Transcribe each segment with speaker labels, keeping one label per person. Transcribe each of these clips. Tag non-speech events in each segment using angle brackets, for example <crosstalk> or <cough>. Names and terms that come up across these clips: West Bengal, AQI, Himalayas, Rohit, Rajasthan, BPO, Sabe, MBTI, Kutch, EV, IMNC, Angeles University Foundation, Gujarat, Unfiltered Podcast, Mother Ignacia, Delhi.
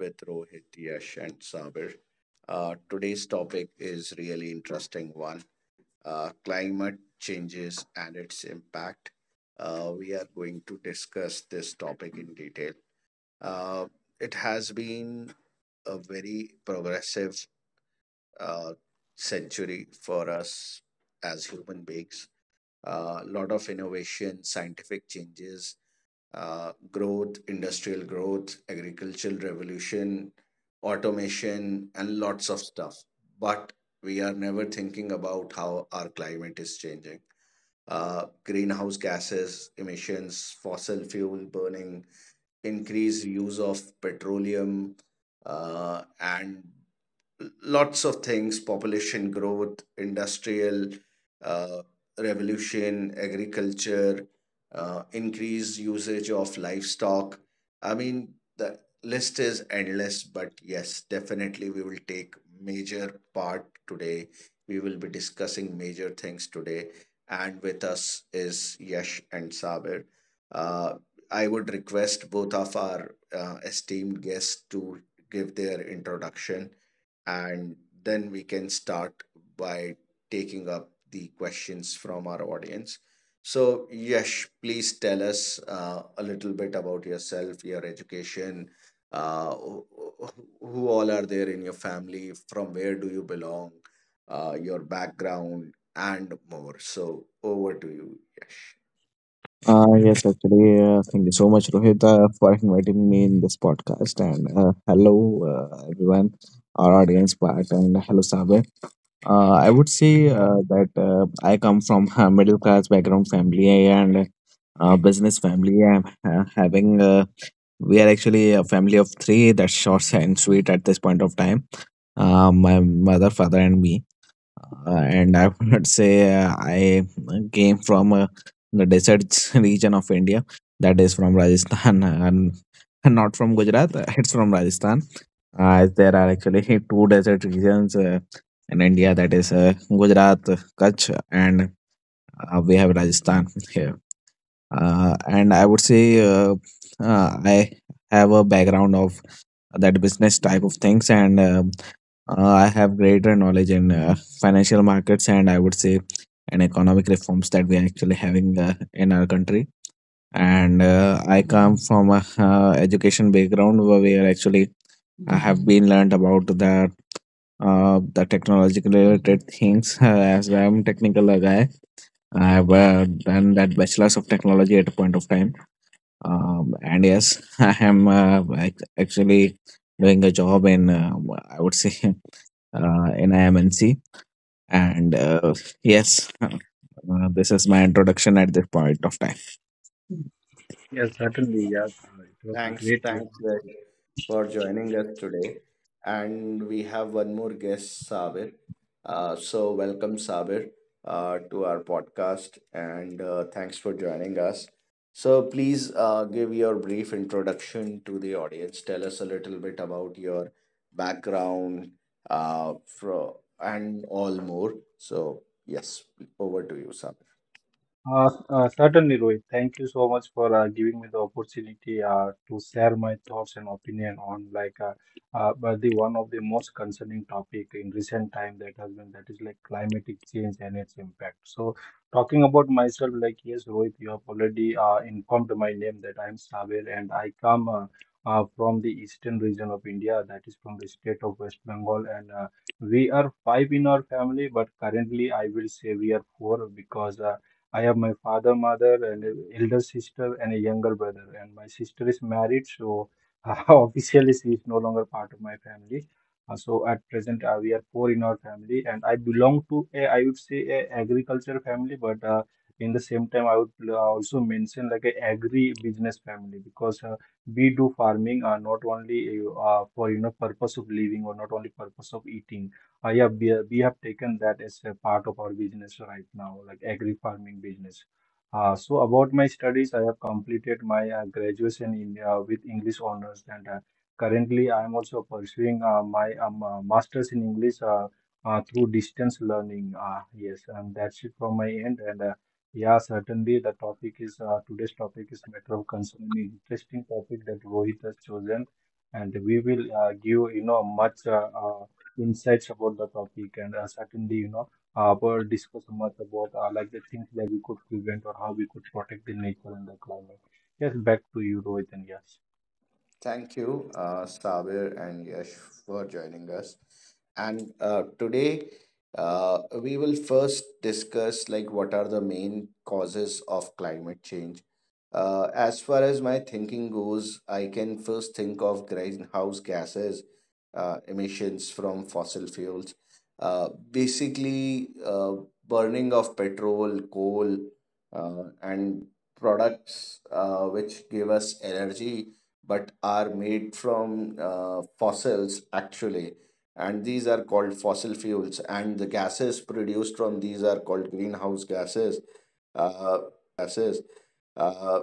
Speaker 1: with Rohit, Yash, and Sabir. Today's topic is really interesting one: climate changes and its impact. We are going to discuss this topic in detail. Uh, it has been a very progressive uh, century for us as human beings. A lot of innovation, scientific changes, growth, industrial growth, agricultural revolution, automation, and lots of stuff. But we are never thinking about how our climate is changing. Greenhouse gases, emissions, fossil fuel burning, increased use of petroleum, and lots of things, population growth, industrial uh, revolution, agriculture, increased usage of livestock. I mean, the list is endless, but yes, definitely we will take major part today. We will be discussing major things today, and with us is Yash and Sabir. uh, I would request both of our esteemed guests to give their introduction, and then we can start by taking up the questions from our audience. So, Yash, please tell us a little bit about yourself, your education, uh, who who all are there in your family, from where do you belong, your background, and more. So, over to you, Yash.
Speaker 2: Thank you so much, Rohit, for inviting me in this podcast. And hello, everyone, our audience part, and hello, Sabe. I would say that I come from a middle class background family and business family. I'm having We are actually a family of three. That's short and sweet at this point of time. My mother, father, and me and I would <laughs> say I came from the desert <laughs> region of India, that is from Rajasthan <laughs> and not from Gujarat. <laughs> It's from Rajasthan. There are actually <laughs> two desert regions in India, that is Gujarat, Kutch, and we have Rajasthan here and I would say I have a background of that business type of things, and I have greater knowledge in financial markets, and I would say and economic reforms that we are actually having in our country. And I come from a education background where we are actually I have been learned about the the technological related things <laughs> as I'm technical a guy. I have done that bachelor's of technology at a point of time and yes, <laughs> I am actually doing a job in, I would say, <laughs> in IMNC. And yes, <laughs> this is my introduction at this point of time.
Speaker 3: Yes, certainly. Yeah, it was
Speaker 1: Thanks,
Speaker 3: great. Yes.
Speaker 1: thanks Yash, for joining us today. And we have one more guest, Sabir. So, welcome, Sabir, to our podcast, and thanks for joining us. So, please give your brief introduction to the audience. Tell us a little bit about your background, and all more. So, yes, over to you, Sabir.
Speaker 3: Certainly, Rohit, thank you so much for giving me the opportunity to share my thoughts and opinion on like but the one of the most concerning topic in recent time that has been, that is like climatic change and its impact. So, talking about myself, like yes, Rohit, you have already informed my name that I am Saber and I come from the eastern region of India, that is from the state of West Bengal, and we are five in our family, but currently I will say we are four, because I have my father, mother, and a elder sister, and a younger brother. And my sister is married, so <laughs> officially she is no longer part of my family. So at present, we are four in our family, and I belong to a, I would say, a agriculture family, but in the same time, I would also mention like a agri business family, because we do farming not only for purpose of living or not only purpose of eating we have taken that as a part of our business right now, like agri farming business. So about my studies, I have completed my graduation in with English honors, and currently I am also pursuing my master's in English through distance learning. Yes, and that's it from my end. And yeah, certainly the topic is today's topic is matter of concern, an interesting topic that Rohit has chosen, and we will give much insights about the topic, and certainly we discuss much about like the things that we could prevent or how we could protect the nature and the climate. Yes, back to you, Rohit. And yes,
Speaker 1: Thank you, Sabir and Yash, for joining us. And today, we will first discuss like what are the main causes of climate change. As far as my thinking goes, I can first think of greenhouse gases, emissions from fossil fuels, basically burning of petrol, coal, and products which give us energy but are made from fossils actually. And these are called fossil fuels, and the gases produced from these are called greenhouse gases. uh,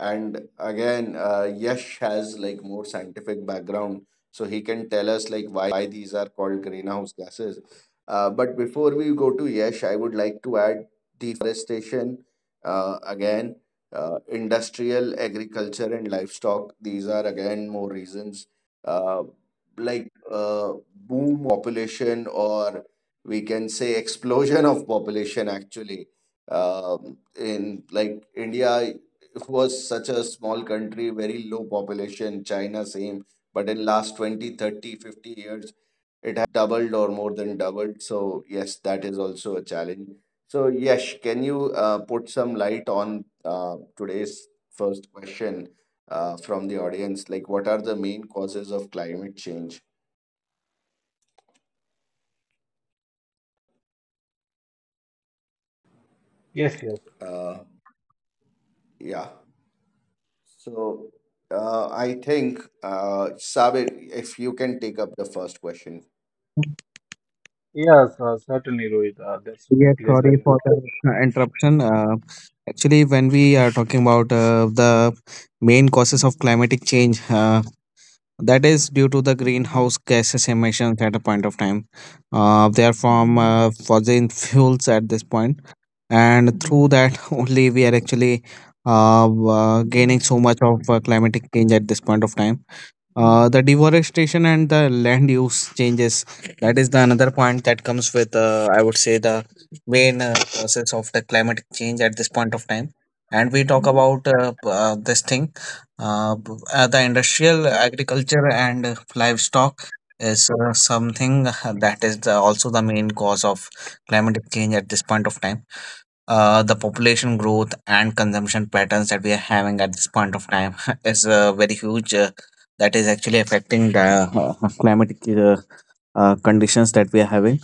Speaker 1: and again, Yash has like more scientific background, so he can tell us like why these are called greenhouse gases. But before we go to Yash, I would like to add deforestation, again, industrial agriculture and livestock. These are again more reasons, uh, like boom of population, or we can say explosion of population actually. Um, in like India was such a small country, very low population, China same, but in last 20, 30, 50 years, it has doubled or more than doubled. So yes, that is also a challenge. So yes, can you put some light on today's first question from the audience? Like, what are the main causes of climate change?
Speaker 3: yes, yes,
Speaker 1: Uh, yeah. So, I think, Sabir, if you can take up the first question.
Speaker 3: yes, certainly, Rohit, that's my
Speaker 2: Yes,
Speaker 3: pleasure,
Speaker 2: sorry
Speaker 3: you
Speaker 2: for
Speaker 3: know.
Speaker 2: the interruption. Actually, when we are talking about the main causes of climatic change, that is due to the greenhouse gases emissions at a point of time. They are from fossil fuels at this point, and through that <laughs> only we are actually gaining so much of climatic change at this point of time. The deforestation and the land use changes, that is the another point that comes with I would say the main process of the climate change at this point of time. And we talk about the industrial agriculture and livestock is something that is the, also the main cause of climate change at this point of time. The population growth and consumption patterns that we are having at this point of time <laughs> is very huge. That is actually affecting the uh, <laughs> climatic conditions that we are having,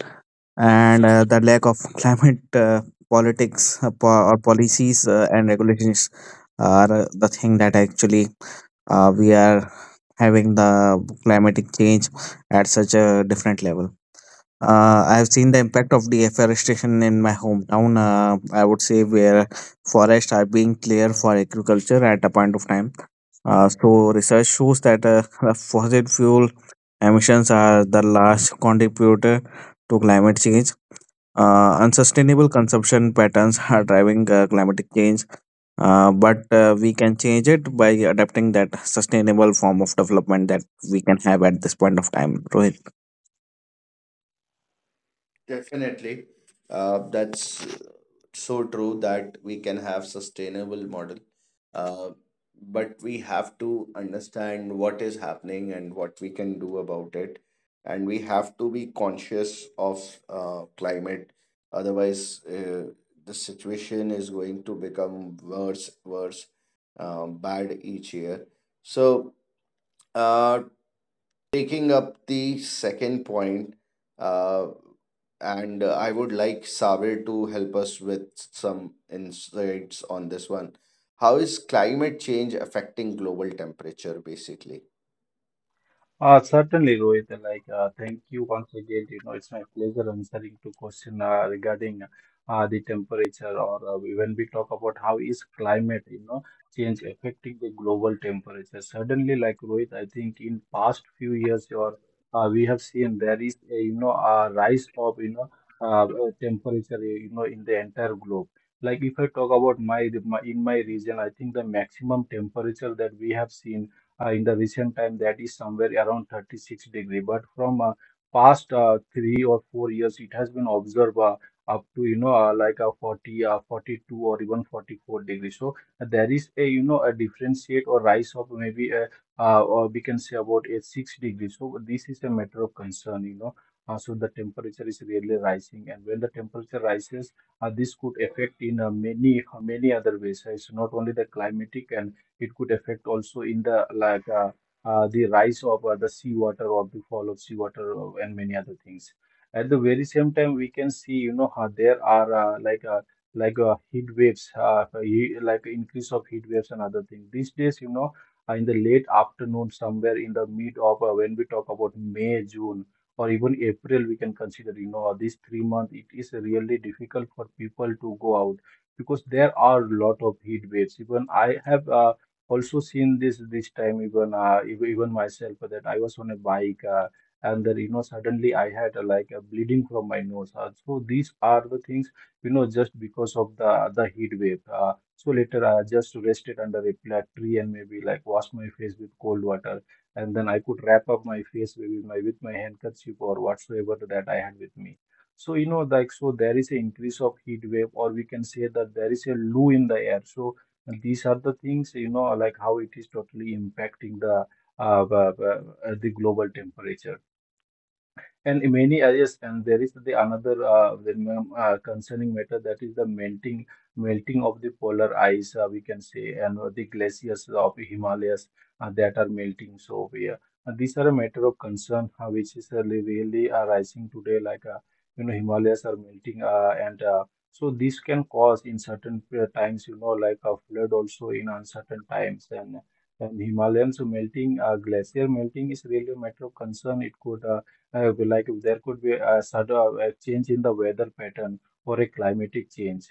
Speaker 2: and the lack of <laughs> climate politics po- or policies and regulations are the thing that actually we are having the climatic change at such a different level. I have seen the impact of deforestation in my hometown. I would say where forests are being cleared for agriculture at a point of time. So research shows that <laughs> fossil fuel emissions are the large contributor to climate change. Unsustainable consumption patterns are driving climatic change, but we can change it by adapting that sustainable form of development that we can have at this point of time. Rohit.
Speaker 1: Definitely. That's so true that we can have sustainable model. Uh, but we have to understand what is happening and what we can do about it. And we have to be conscious of climate. Otherwise, the situation is going to become worse, worse, bad each year. So, Uh, taking up the second point, uh, and I would like Sabir to help us with some insights on this one. How is climate change affecting global temperature, basically?
Speaker 3: Certainly, Rohit. Like, thank you once again. You know, it's my pleasure answering to question regarding the temperature, or when we talk about how is climate, you know, change affecting the global temperature. Certainly, like Rohit, I think in past few years, or we have seen there is a a rise of temperature, you know, in the entire globe. Like if I talk about my, my in my region, I think the maximum temperature that we have seen in the recent time, that is somewhere around 36 degree, but from past 3 or 4 years it has been observed up to like a 40 42 or even 44 degree. So there is a a differentiate or rise of maybe a, or we can say about a 6 degree. So this is a matter of concern, so the temperature is really rising, and when the temperature rises, this could affect in many many other ways. So it's not only the climatic, and it could affect also in the like the rise of the seawater or the fall of seawater, and many other things. At the very same time, we can see, you know, how there are heat waves, like increase of heat waves and other things. These days, you know, in the late afternoon, somewhere in the mid of when we talk about May, June, or even April, we can consider, you know, these 3 months, it is really difficult for people to go out because there are a lot of heat waves. Even I have also seen this, this time, even even myself, that I was on a bike and then, you know, suddenly I had like a bleeding from my nose. So these are the things, you know, just because of the heat wave. So later I just rested under a flat tree and maybe like wash my face with cold water, and then I could wrap up my face, maybe my with my handkerchief or whatsoever that I had with me. So, you know, like, so there is an increase of heat wave, or we can say that there is a loo in the air. So, and these are the things, you know, like how it is totally impacting the uh, the, the global temperature. And in many areas, and there is the another concerning matter, that is the melting of the polar ice, we can say, and the glaciers of Himalayas that are melting. So these are a matter of concern which is really, really rising today. Like, you know, Himalayas are melting, and so this can cause in certain times, you know, like a flood also in uncertain times, and. And Himalayans melting, glacier melting is really a matter of concern. It could like there could be a sudden a change in the weather pattern or a climatic change.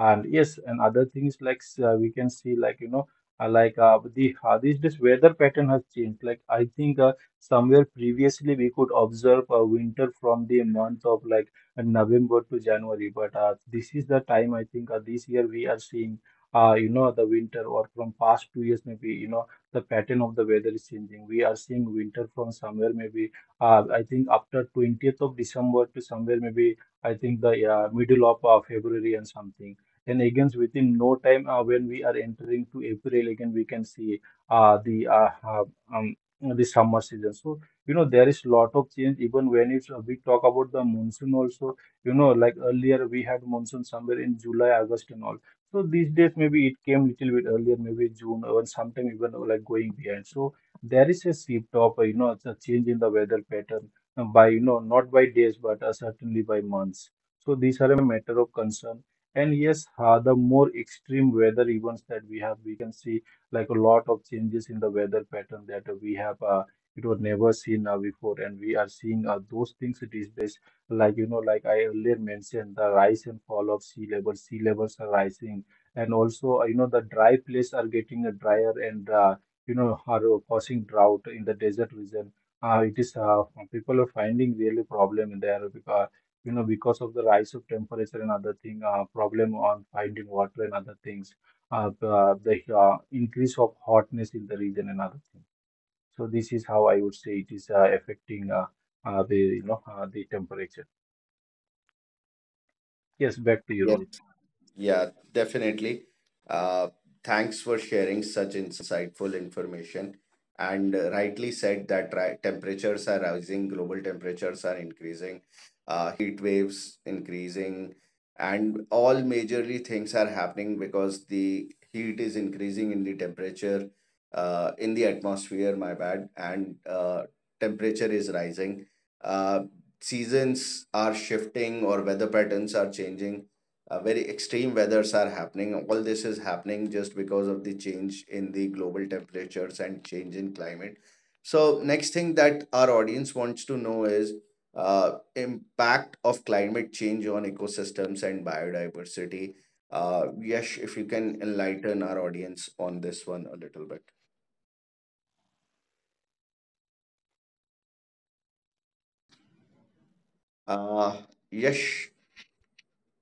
Speaker 3: And yes, and other things like, we can see, like, you know, the this weather pattern has changed. Like I think somewhere previously we could observe a winter from the month of like November to January, but this is the time, I think this year we are seeing, you know, the winter, or from past 2 years, maybe, you know, the pattern of the weather is changing. We are seeing winter from somewhere, maybe I think after 20th of December to somewhere, maybe I think the middle of February and something. And again, within no time, when we are entering to April, again we can see uh, the uh, uh, um, the summer season. So, you know, there is lot of change even when it's, we talk about the monsoon also. You know, like earlier we had monsoon somewhere in July, August, and all. So these days maybe it came little bit earlier, maybe June or sometime even like going behind. So there is a sweep top, you know, it's a change in the weather pattern by, you know, not by days, but certainly by months. So these are a matter of concern. And yes, the more extreme weather events that we have, we can see like a lot of changes in the weather pattern that we have, it was never seen before. And we are seeing those things these days, like, you know, like I earlier mentioned, the rise and fall of sea levels are rising. And also, you know, the dry places are getting drier and, you know, are causing drought in the desert region. It is People are finding really problem in there, because, you know, because of the rise of temperature and other thing, problem on finding water and other things. The increase of hotness in the region and other thing. So this is how I would say it is affecting the, you know, the temperature. Yes, back to you, Rohit.
Speaker 1: Yeah, definitely. Uh, Thanks for sharing such insightful information. And rightly said that temperatures are rising, global temperatures are increasing, heat waves increasing, and all majorly things are happening because the heat is increasing in the temperature, in the atmosphere, my bad, and temperature is rising. Uh, Seasons are shifting or weather patterns are changing. Very extreme weathers are happening. All this is happening just because of the change in the global temperatures and change in climate. So next thing that our audience wants to know is impact of climate change on ecosystems and biodiversity. Yash, if you can enlighten our audience on this one a little bit. Uh, Yash,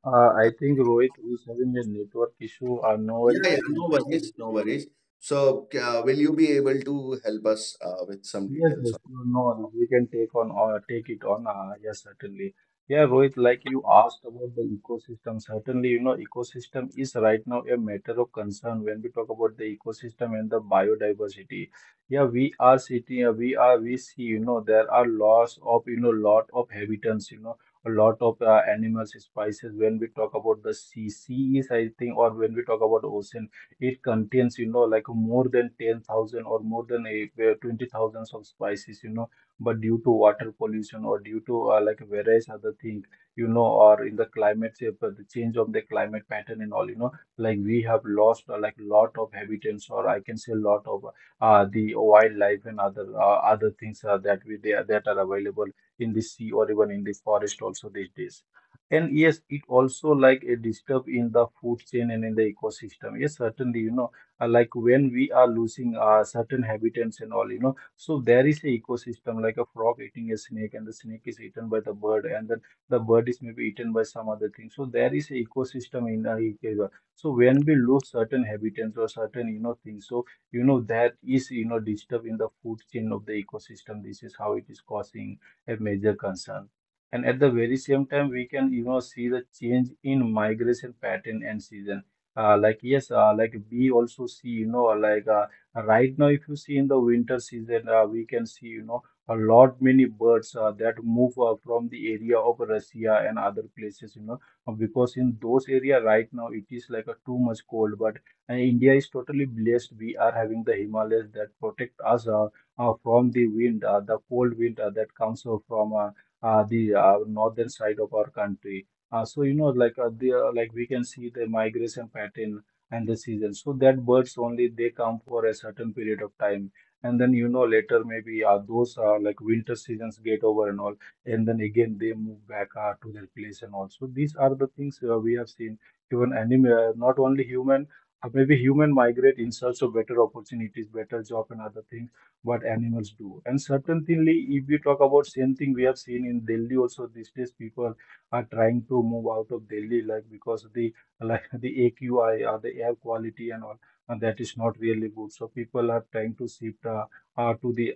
Speaker 3: I think Rohit is having a network issue. No
Speaker 1: yeah,
Speaker 3: worries.
Speaker 1: yeah,
Speaker 3: I
Speaker 1: no
Speaker 3: think we can.
Speaker 1: worries, no worries. So, will you be able to help us with some
Speaker 3: Yes,
Speaker 1: details
Speaker 3: yes,
Speaker 1: on?
Speaker 3: no, no, no, we can take on or take it on. Yes, certainly. Yeah, Rohit, like you asked about the ecosystem. Certainly, you know, ecosystem is right now a matter of concern when we talk about the ecosystem and the biodiversity. Yeah, we are sitting, we are, we see, you know, there are loss of, you know, lot of habitants, you know, a lot of animals, species. When we talk about the sea, sea is, I think, or when we talk about ocean, it contains, you know, like more than 10,000 or more than a, 20 thousands of spices, you know, but due to water pollution or due to like various other things, you know, or in the climate shape, the change of the climate pattern and all, you know, like we have lost like lot of habitants, or I can say lot of the wildlife and other other things that are available in the sea or even in the forest also these days. And yes, it also like a disturb in the food chain and in the ecosystem. Yes, certainly, like when we are losing certain habitats and all, so there is a ecosystem like a frog eating a snake and the snake is eaten by the bird, and then the bird is maybe eaten by some other thing. So there is a ecosystem in a ecosystem. So when we lose certain habitats or certain things, so, that is, disturb in the food chain of the ecosystem. This is how it is causing a major concern, and at the very same time we can see the change in migration pattern and season. Like we also see, right now if you see in the winter season, we can see a lot many birds that move from the area of Russia and other places, because in those area right now it is like a too much cold. But India is totally blessed. We are having the Himalayas that protect us from the wind, the cold wind that comes from the northern side of our country. So like we can see the migration pattern and the season. So that birds only they come for a certain period of time, and then later maybe those like winter seasons get over and all, and then again they move back to their place and all. So these are the things we have seen. Even animal, not only human. Maybe human migrate in search of better opportunities, better job, and other things. What animals do? And certainly, if we talk about same thing, we have seen in Delhi also these days. People are trying to move out of Delhi, like because of the like the AQI or the air quality and all, and that is not really good. So people are trying to shift to the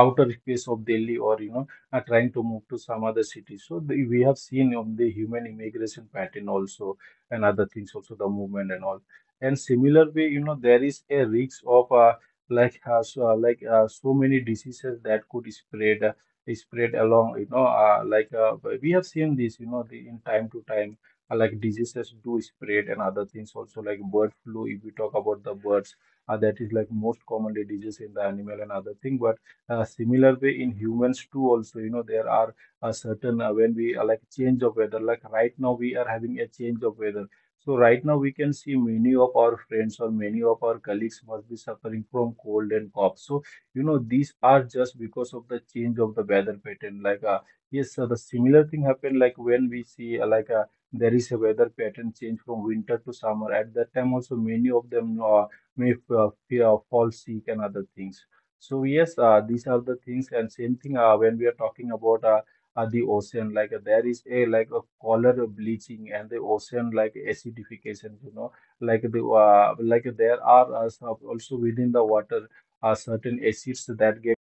Speaker 3: outer space of Delhi, or are trying to move to some other city. So the, we have seen on the human immigration pattern also, and other things also the movement and all. And similar way, there is a risk of so many diseases that could spread along. We have seen this, the, in time to time. Like diseases do spread and other things also, like bird flu. If we talk about the birds, that is like most commonly disease in the animal and other thing. But similar way in humans too also, there are a certain when we like change of weather. Like right now we are having a change of weather, so right now we can see many of our friends or many of our colleagues must be suffering from cold and cough. So these are just because of the change of the weather pattern. Yes, so the similar thing happened like when we see there is a weather pattern change from winter to summer. At that time also many of them may fall sick and other things. So yes, these are the things. And same thing when we are talking about the ocean. Like there is a like a color bleaching and the ocean like acidification. There are also within the water, certain acids that get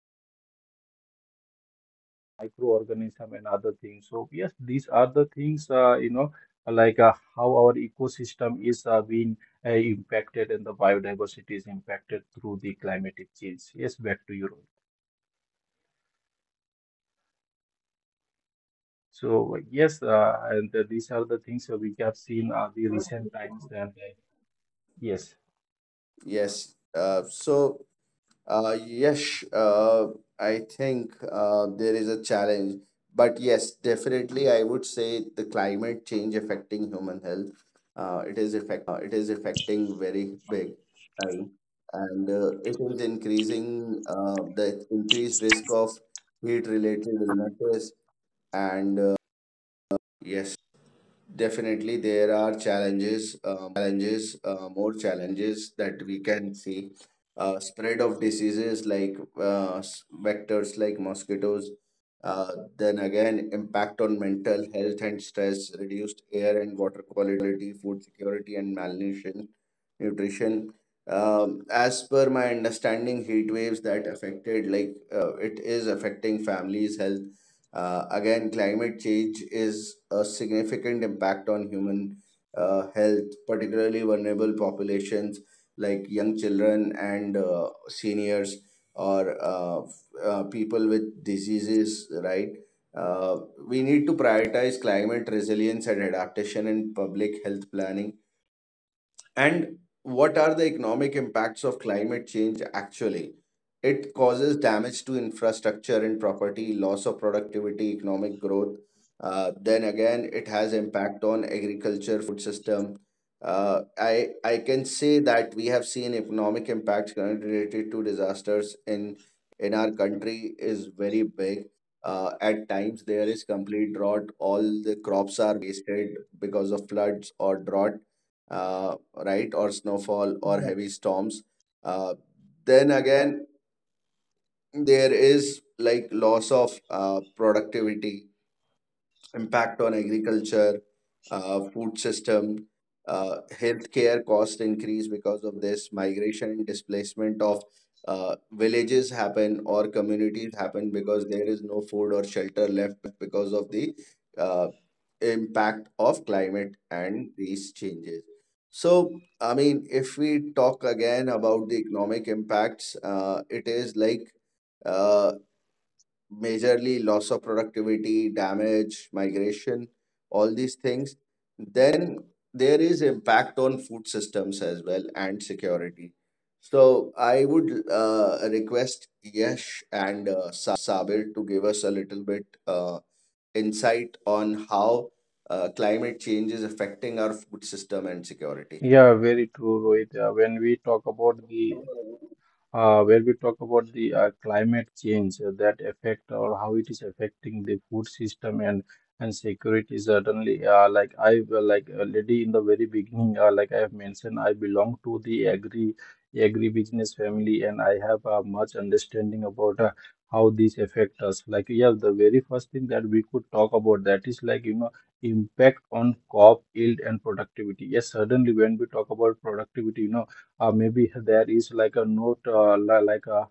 Speaker 3: microorganism and other things. So yes, these are the things how our ecosystem is being impacted, and the biodiversity is impacted through the climatic change. Yes, back to you, Rohit. So like, yes, and these are the things that we have seen the recent times. And yes.
Speaker 1: Yes. So, yes, I think there is a challenge, but yes, definitely, I would say the climate change affecting human health. It is affecting very big time, and it is increasing the increased risk of heat-related illnesses, and yes. Definitely, there are challenges, more challenges that we can see. Spread of diseases like vectors like mosquitoes. Uh, then again, impact on mental health and stress, reduced air and water quality, food security and malnutrition, nutrition. As per my understanding, heat waves that affected like, it is affecting families' health. Again, climate change is a significant impact on human health, particularly vulnerable populations like young children and seniors or people with diseases, right? Uh, we need to prioritize climate resilience and adaptation in public health planning. And what are the economic impacts of climate change actually? It causes damage to infrastructure and property, loss of productivity, economic growth. Then again, it has impact on agriculture, food system. I can say that we have seen economic impacts related to disasters in our country is very big. At times there is complete drought. All the crops are wasted because of floods or drought. Uh, right, or snowfall or heavy
Speaker 3: Right.
Speaker 1: storms. Uh, then again, there is like loss of productivity, impact on agriculture, food system, healthcare cost increase because of this, migration and displacement of villages happen or communities happen because there is no food or shelter left because of the uh, impact of climate and these changes. So, I mean, if we talk again about the economic impacts, it is like uh, majorly loss of productivity, damage, migration, all these things. Then there is impact on food systems as well and security. So I would request Yash and Sabir to give us a little bit insight on how climate change is affecting our food system and security.
Speaker 3: Yeah, very true, Rohit. When we talk about the climate change that affect, or how it is affecting the food system and security. Certainly, like I, like already in the very beginning, like I have mentioned, I belong to the agri business family, and I have much understanding about how these affect us. Like yeah, the very first thing that we could talk about, that is like impact on crop yield and productivity. Yes, certainly, when we talk about productivity, maybe there is like a note, like a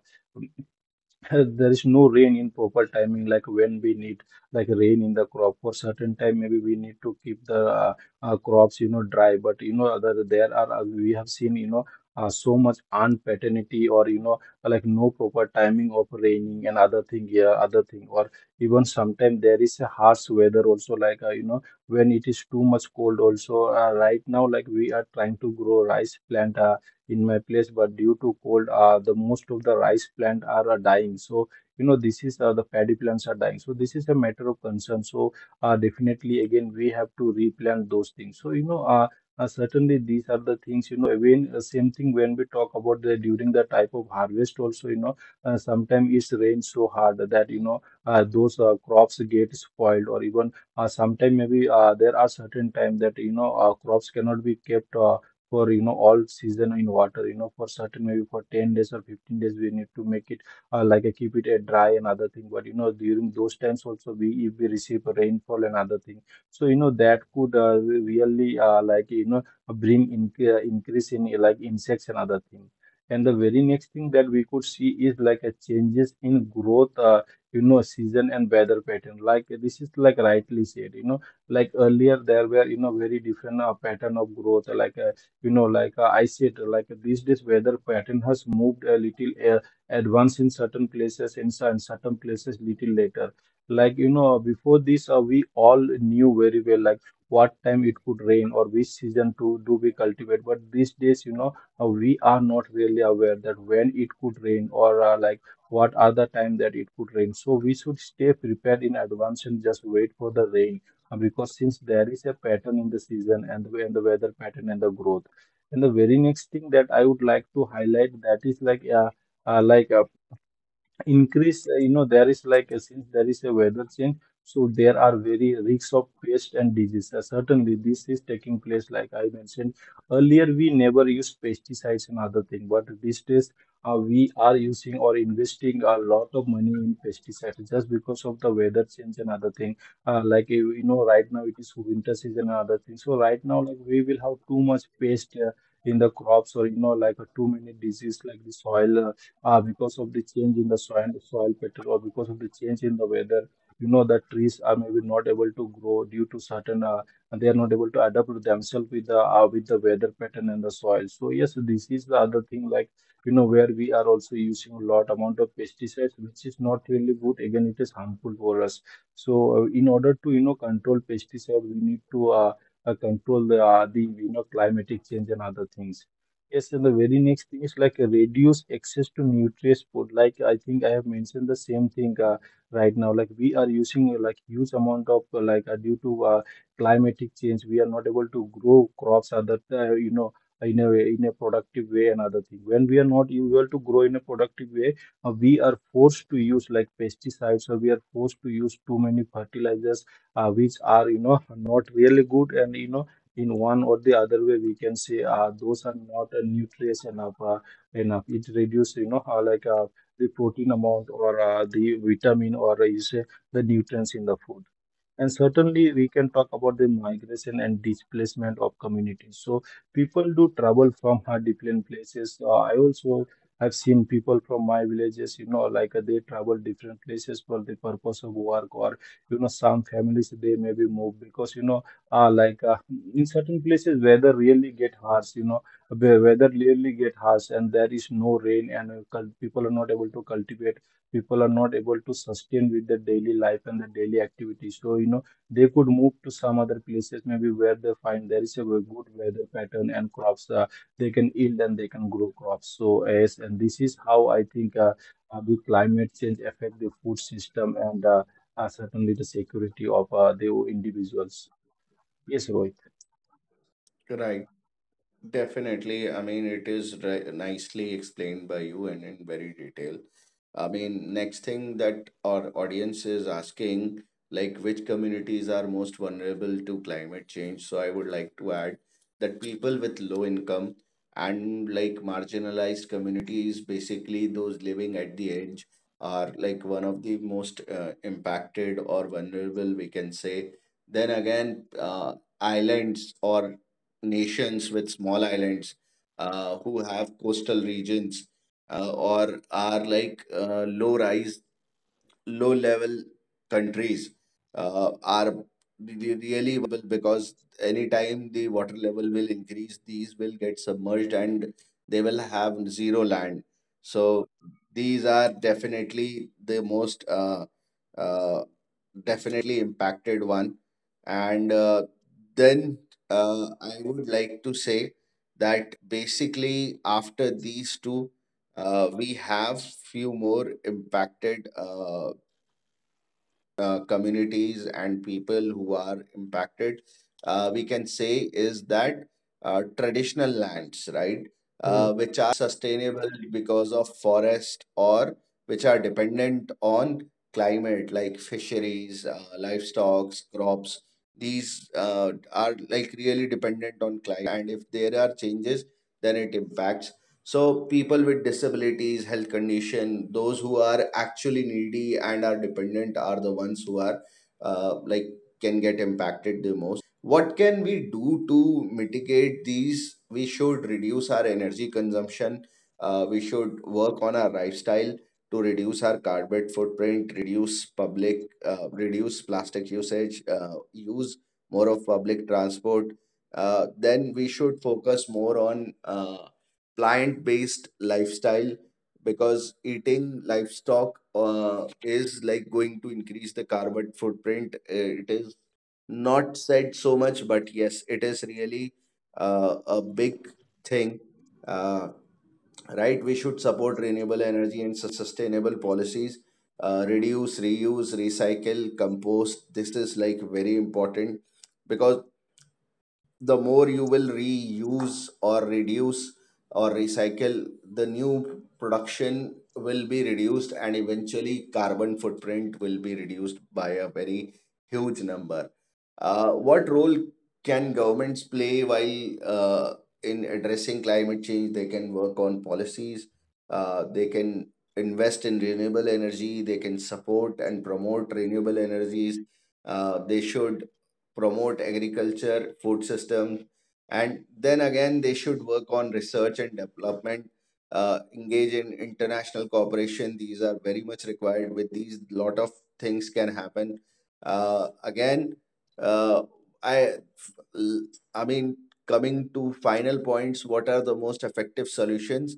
Speaker 3: <laughs> there is no rain in proper timing. Like when we need like rain in the crop for certain time, maybe we need to keep the crops dry. But other there are, we have seen so much unpaternity, or like no proper timing of raining and other thing here other thing. Or even sometimes there is a harsh weather also. Like when it is too much cold also. Right now like we are trying to grow rice plant in my place, but due to cold, the most of the rice plant are dying. So this is the paddy plants are dying. So this is a matter of concern. So definitely again we have to replant those things. So certainly these are the things. Again, same thing when we talk about the during the type of harvest also, sometimes it's rained so hard that those crops get spoiled. Or even sometimes maybe there are certain time that crops cannot be kept for all season in water. For certain, maybe for 10 days or 15 days, we need to make it like keep it dry and other thing. But during those times also, we, if we receive rainfall and other thing, so that could really like bring in, increase in like insects and other thing. And the very next thing that we could see is like a changes in growth season and weather pattern. Like this is like rightly said, like earlier there were very different pattern of growth. Like I said like these days weather pattern has moved a little advanced in certain places, and in some- certain places little later. Like before this we all knew very well like what time it could rain or which season to do we cultivate. But these days we are not really aware that when it could rain, or like what other time that it could rain. So we should stay prepared in advance and just wait for the rain, because since there is a pattern in the season, and the weather pattern and the growth. And the very next thing that I would like to highlight, that is like uh, like uh, increase, there is like a, since there is a weather change, so there are very risks of pest and diseases. Certainly this is taking place. Like I mentioned earlier, we never used pesticides and other thing, but these days we are using or investing a lot of money in pesticides just because of the weather change and other thing. Right now it is winter season and other thing, so right now like we will have too much pest in the crops. Or like too many disease like the soil because of the change in the soil pattern, or because of the change in the weather. That trees are maybe not able to grow due to certain, they are not able to adapt to themselves with the, with the weather pattern and the soil. So yes, this is the other thing like where we are also using a lot amount of pesticides, which is not really good. Again, it is harmful for us. So in order to control pesticide, we need to control the climatic change and other things. Yes, and the very next thing is like a reduce access to nutritious food. Like I think I have mentioned the same thing right now. Like we are using like huge amount of, like due to climatic change, we are not able to grow crops other, in a way, in a productive way and other thing. When we are not able to grow in a productive way, we are forced to use like pesticides, or we are forced to use too many fertilizers, which are not really good, and in one or the other way we can say those are not nutritious enough, enough. It reduces how like the protein amount, or the vitamin, or you say the nutrients in the food. And certainly, we can talk about the migration and displacement of communities. So, people do travel from hard different places. I also have seen people from my villages, like they travel different places for the purpose of work, or some families they maybe move because like in certain places, weather really get harsh. You know, the weather really get harsh, and there is no rain, and people are not able to cultivate, people are not able to sustain with their daily life and their daily activities. So, they could move to some other places, maybe where they find there is a very good weather pattern and crops, they can yield and they can grow crops. So, yes, and this is how I think the climate change affect the food system and certainly the security of the individuals. Yes,
Speaker 1: Right. Definitely. I mean, it is nicely explained by you and in very detail. I mean, next thing that our audience is asking, like which communities are most vulnerable to climate change? So I would like to add that people with low income and like marginalized communities, basically those living at the edge, are like one of the most impacted or vulnerable, we can say. Then again, islands or nations with small islands, who have coastal regions, or are like low rise low level countries, are really vulnerable because anytime the water level will increase these will get submerged and they will have zero land. So these are definitely the most uh, definitely impacted one, and then I would like to say that basically after these two, we have few more impacted communities and people who are impacted. We can say is that traditional lands, right,
Speaker 3: Rohit.
Speaker 1: which are sustainable because of forest or which are dependent on climate, like fisheries, livestock, crops. These are like really dependent on climate, and if there are changes, then it impacts. So people with disabilities, health condition, those who are actually needy and are dependent are the ones who are, like, can get impacted the most. What can we do to mitigate these? We should reduce our energy consumption. We should work on our lifestyle to reduce our carbon footprint, reduce public, reduce plastic usage, use more of public transport. Then we should focus more on plant based lifestyle because eating livestock is like going to increase the carbon footprint. It is not said so much, but yes, it is really a big thing. Uh, right? We should support renewable energy and sustainable policies. Reduce, reuse, recycle, compost. This is like very important because the more you will reuse or reduce or recycle, the new production will be reduced and eventually carbon footprint will be reduced by a very huge number. What role can governments play while in addressing climate change? They can work on policies, they can invest in renewable energy, they can support and promote renewable energies. They should promote agriculture, food system, and then again they should work on research and development, engage in international cooperation. These are very much required. With these, lot of things can happen. Again, uh, I, I mean, coming to final points, what are the most effective solutions?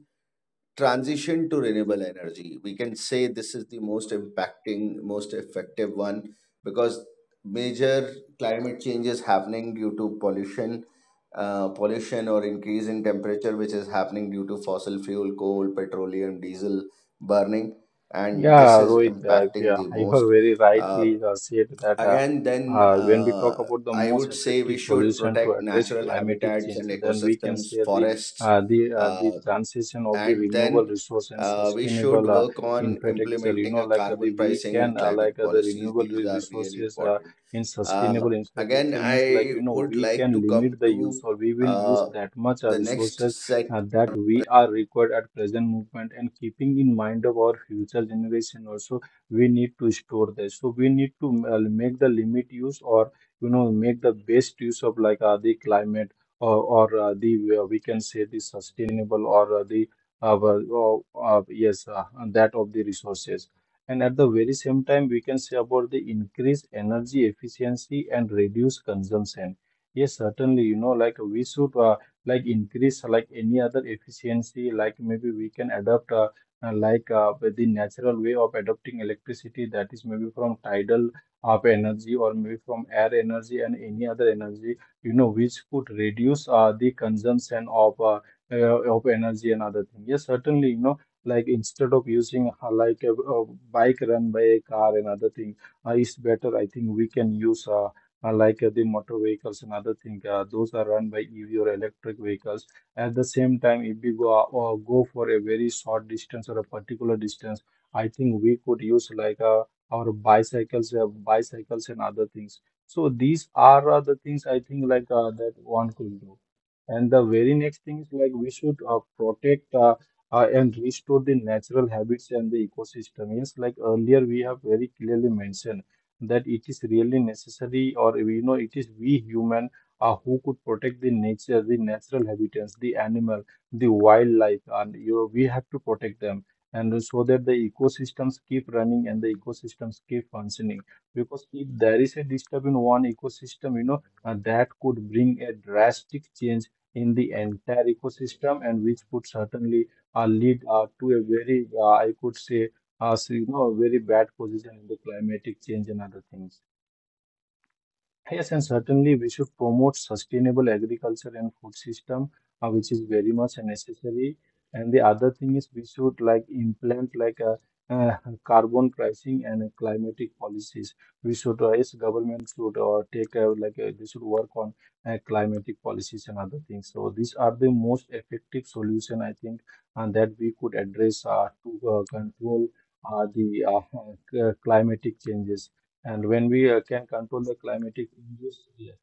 Speaker 1: Transition to renewable energy, we can say this is the most impacting, most effective one, because major climate change is happening due to pollution, pollution or increase in temperature, which is happening due to fossil fuel, coal, petroleum, diesel burning, and this
Speaker 3: Yeah,
Speaker 1: is
Speaker 3: Rohit,
Speaker 1: impacting
Speaker 3: yeah,
Speaker 1: the
Speaker 3: <laughs> you are
Speaker 1: most.
Speaker 3: very
Speaker 1: uh,
Speaker 3: rightly said that
Speaker 1: Again then,
Speaker 3: when we talk about the
Speaker 1: I
Speaker 3: most
Speaker 1: would say we
Speaker 3: effective
Speaker 1: should
Speaker 3: solution to
Speaker 1: protect
Speaker 3: address
Speaker 1: natural
Speaker 3: climatic
Speaker 1: habitats
Speaker 3: change,
Speaker 1: and
Speaker 3: then we can
Speaker 1: ecosystems,
Speaker 3: say the
Speaker 1: forests,
Speaker 3: the
Speaker 1: uh,
Speaker 3: transition of the
Speaker 1: and
Speaker 3: renewable
Speaker 1: then
Speaker 3: resource and
Speaker 1: we should
Speaker 3: sustainable
Speaker 1: work on
Speaker 3: infrastructure. You
Speaker 1: implementing
Speaker 3: know,
Speaker 1: a
Speaker 3: like the
Speaker 1: carbon
Speaker 3: we
Speaker 1: pricing
Speaker 3: can
Speaker 1: and climate
Speaker 3: like the
Speaker 1: policies.
Speaker 3: renewable
Speaker 1: These
Speaker 3: re-
Speaker 1: are really
Speaker 3: resources
Speaker 1: important.
Speaker 3: in
Speaker 1: Uh,
Speaker 3: sustainable
Speaker 1: Again,
Speaker 3: infrastructure means like
Speaker 1: I would
Speaker 3: we
Speaker 1: like
Speaker 3: can
Speaker 1: to come
Speaker 3: limit the use,
Speaker 1: to
Speaker 3: or we will use
Speaker 1: uh,
Speaker 3: that much
Speaker 1: the next
Speaker 3: resources
Speaker 1: set
Speaker 3: that we are required at present movement, and keeping in mind of our future generation also we need to store this, so we need to make the limit use, or make the best use of like the climate, or the we can say the sustainable, or yes, that of the resources. And at the very same time, we can say about the increase energy efficiency and reduce consumption. Yes, certainly, like we should like increase like any other efficiency, like maybe we can adopt like the natural way of adopting electricity, that is maybe from tidal of energy, or maybe from air energy and any other energy, which could reduce the consumption of energy and other thing. Yes, certainly, like instead of using like a bike run by a car and other thing, is better, I think we can use like the motor vehicles and other thing. Those are run by EV or electric vehicles. At the same time, if we go go for a very short distance or a particular distance, I think we could use like our bicycles, bicycles and other things. So these are the things I think like that one could do. And the very next thing is like we should protect and restore the natural habits and the ecosystem. Yes, like earlier we have very clearly mentioned that it is really necessary, or it is we human who could protect the nature, the natural habitats, the animal, the wildlife, and you know, we have to protect them, and so that the ecosystems keep running and the ecosystems keep functioning. Because if there is a disturb in one ecosystem, that could bring a drastic change in the entire ecosystem, and which could certainly lead to a very I could say as you know, a very bad position in the climatic change and other things. Yes, and certainly we should promote sustainable agriculture and food system, which is very much necessary. And the other thing is, we should like implement like a, uh carbon pricing and a climatic policies. We should, yes, government should take like they should work on climatic policies and other things. So these are the most effective solution, I think, and that we could address to control the climatic changes. And when we can control the climatic injuries, yeah.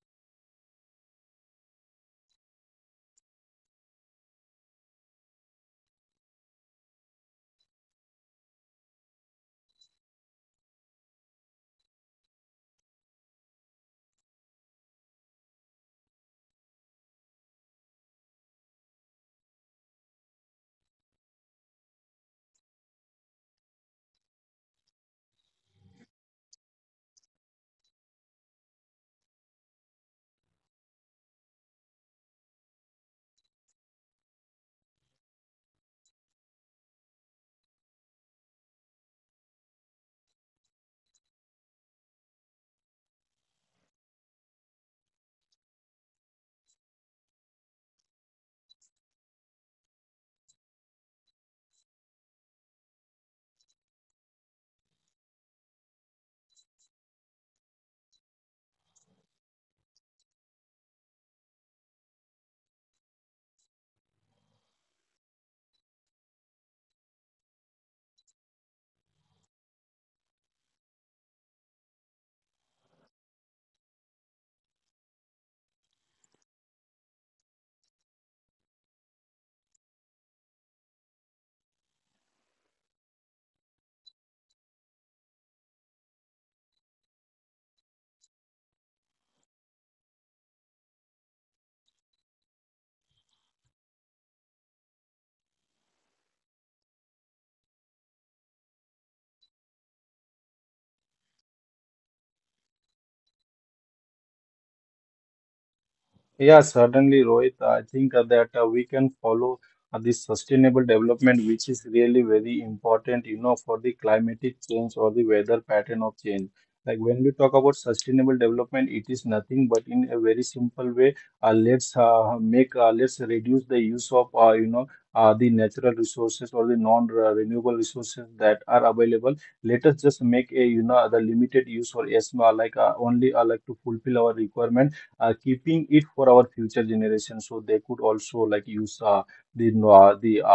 Speaker 3: Yeah, certainly, Rohit. I think that we can follow this sustainable development, which is really very important, you know, for the climatic change or the weather pattern of change. Like when we talk about sustainable development, it is nothing but in a very simple way, let's make, let's reduce the use of, the natural resources or the non-renewable resources that are available. Let us just make a, you know, the limited use or ESMA, like only like to fulfill our requirement, keeping it for our future generation, so they could also like use the no- the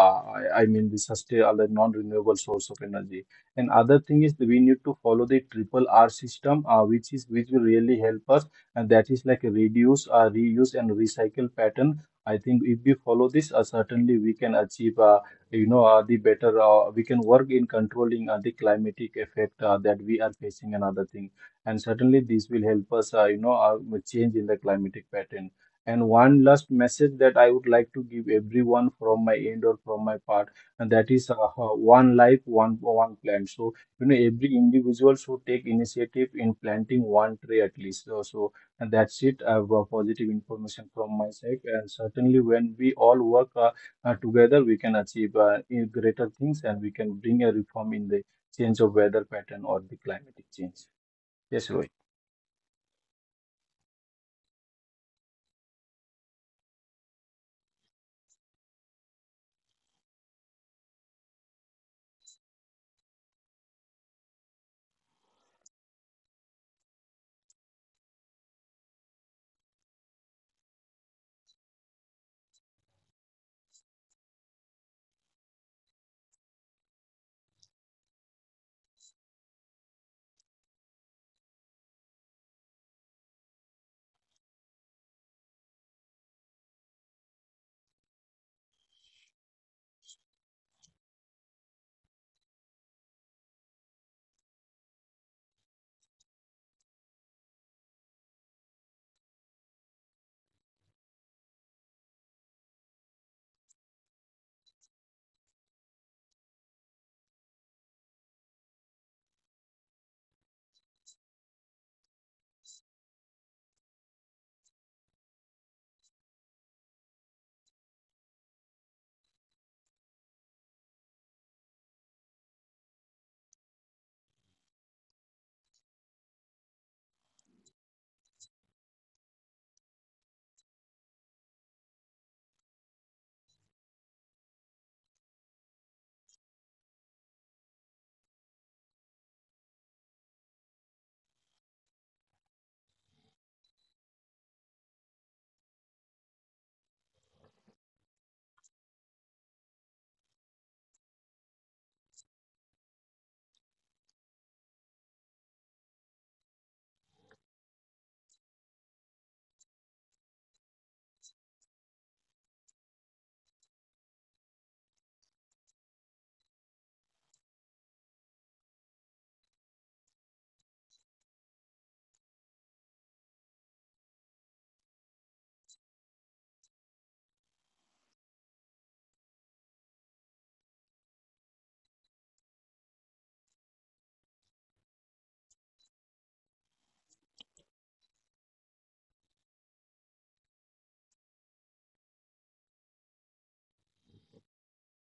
Speaker 3: I mean the sustain the non-renewable source of energy. And other thing is that we need to follow the triple R system, which will really help us, and that is like reduce, reuse, and recycle pattern. I think if we follow this, certainly we can achieve, the better. We can work in controlling the climatic effect that we are facing and other thing. And certainly this will help us with change in the climatic pattern. And one last message that I would like to give everyone from my end or from my part, and that is one life, one plant. So you know, every individual should take initiative in planting one tree at least. So, so and that's it, I have positive information from my side. And certainly when we all work together, we can achieve in greater things, and we can bring a reform in the change of weather pattern or the climatic change. Yes, Rohit.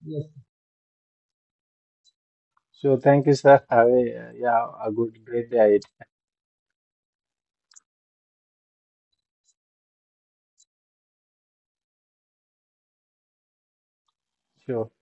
Speaker 3: Yes. Sure. Thank you, sir. Have a, yeah, a good, great day ahead. Sure.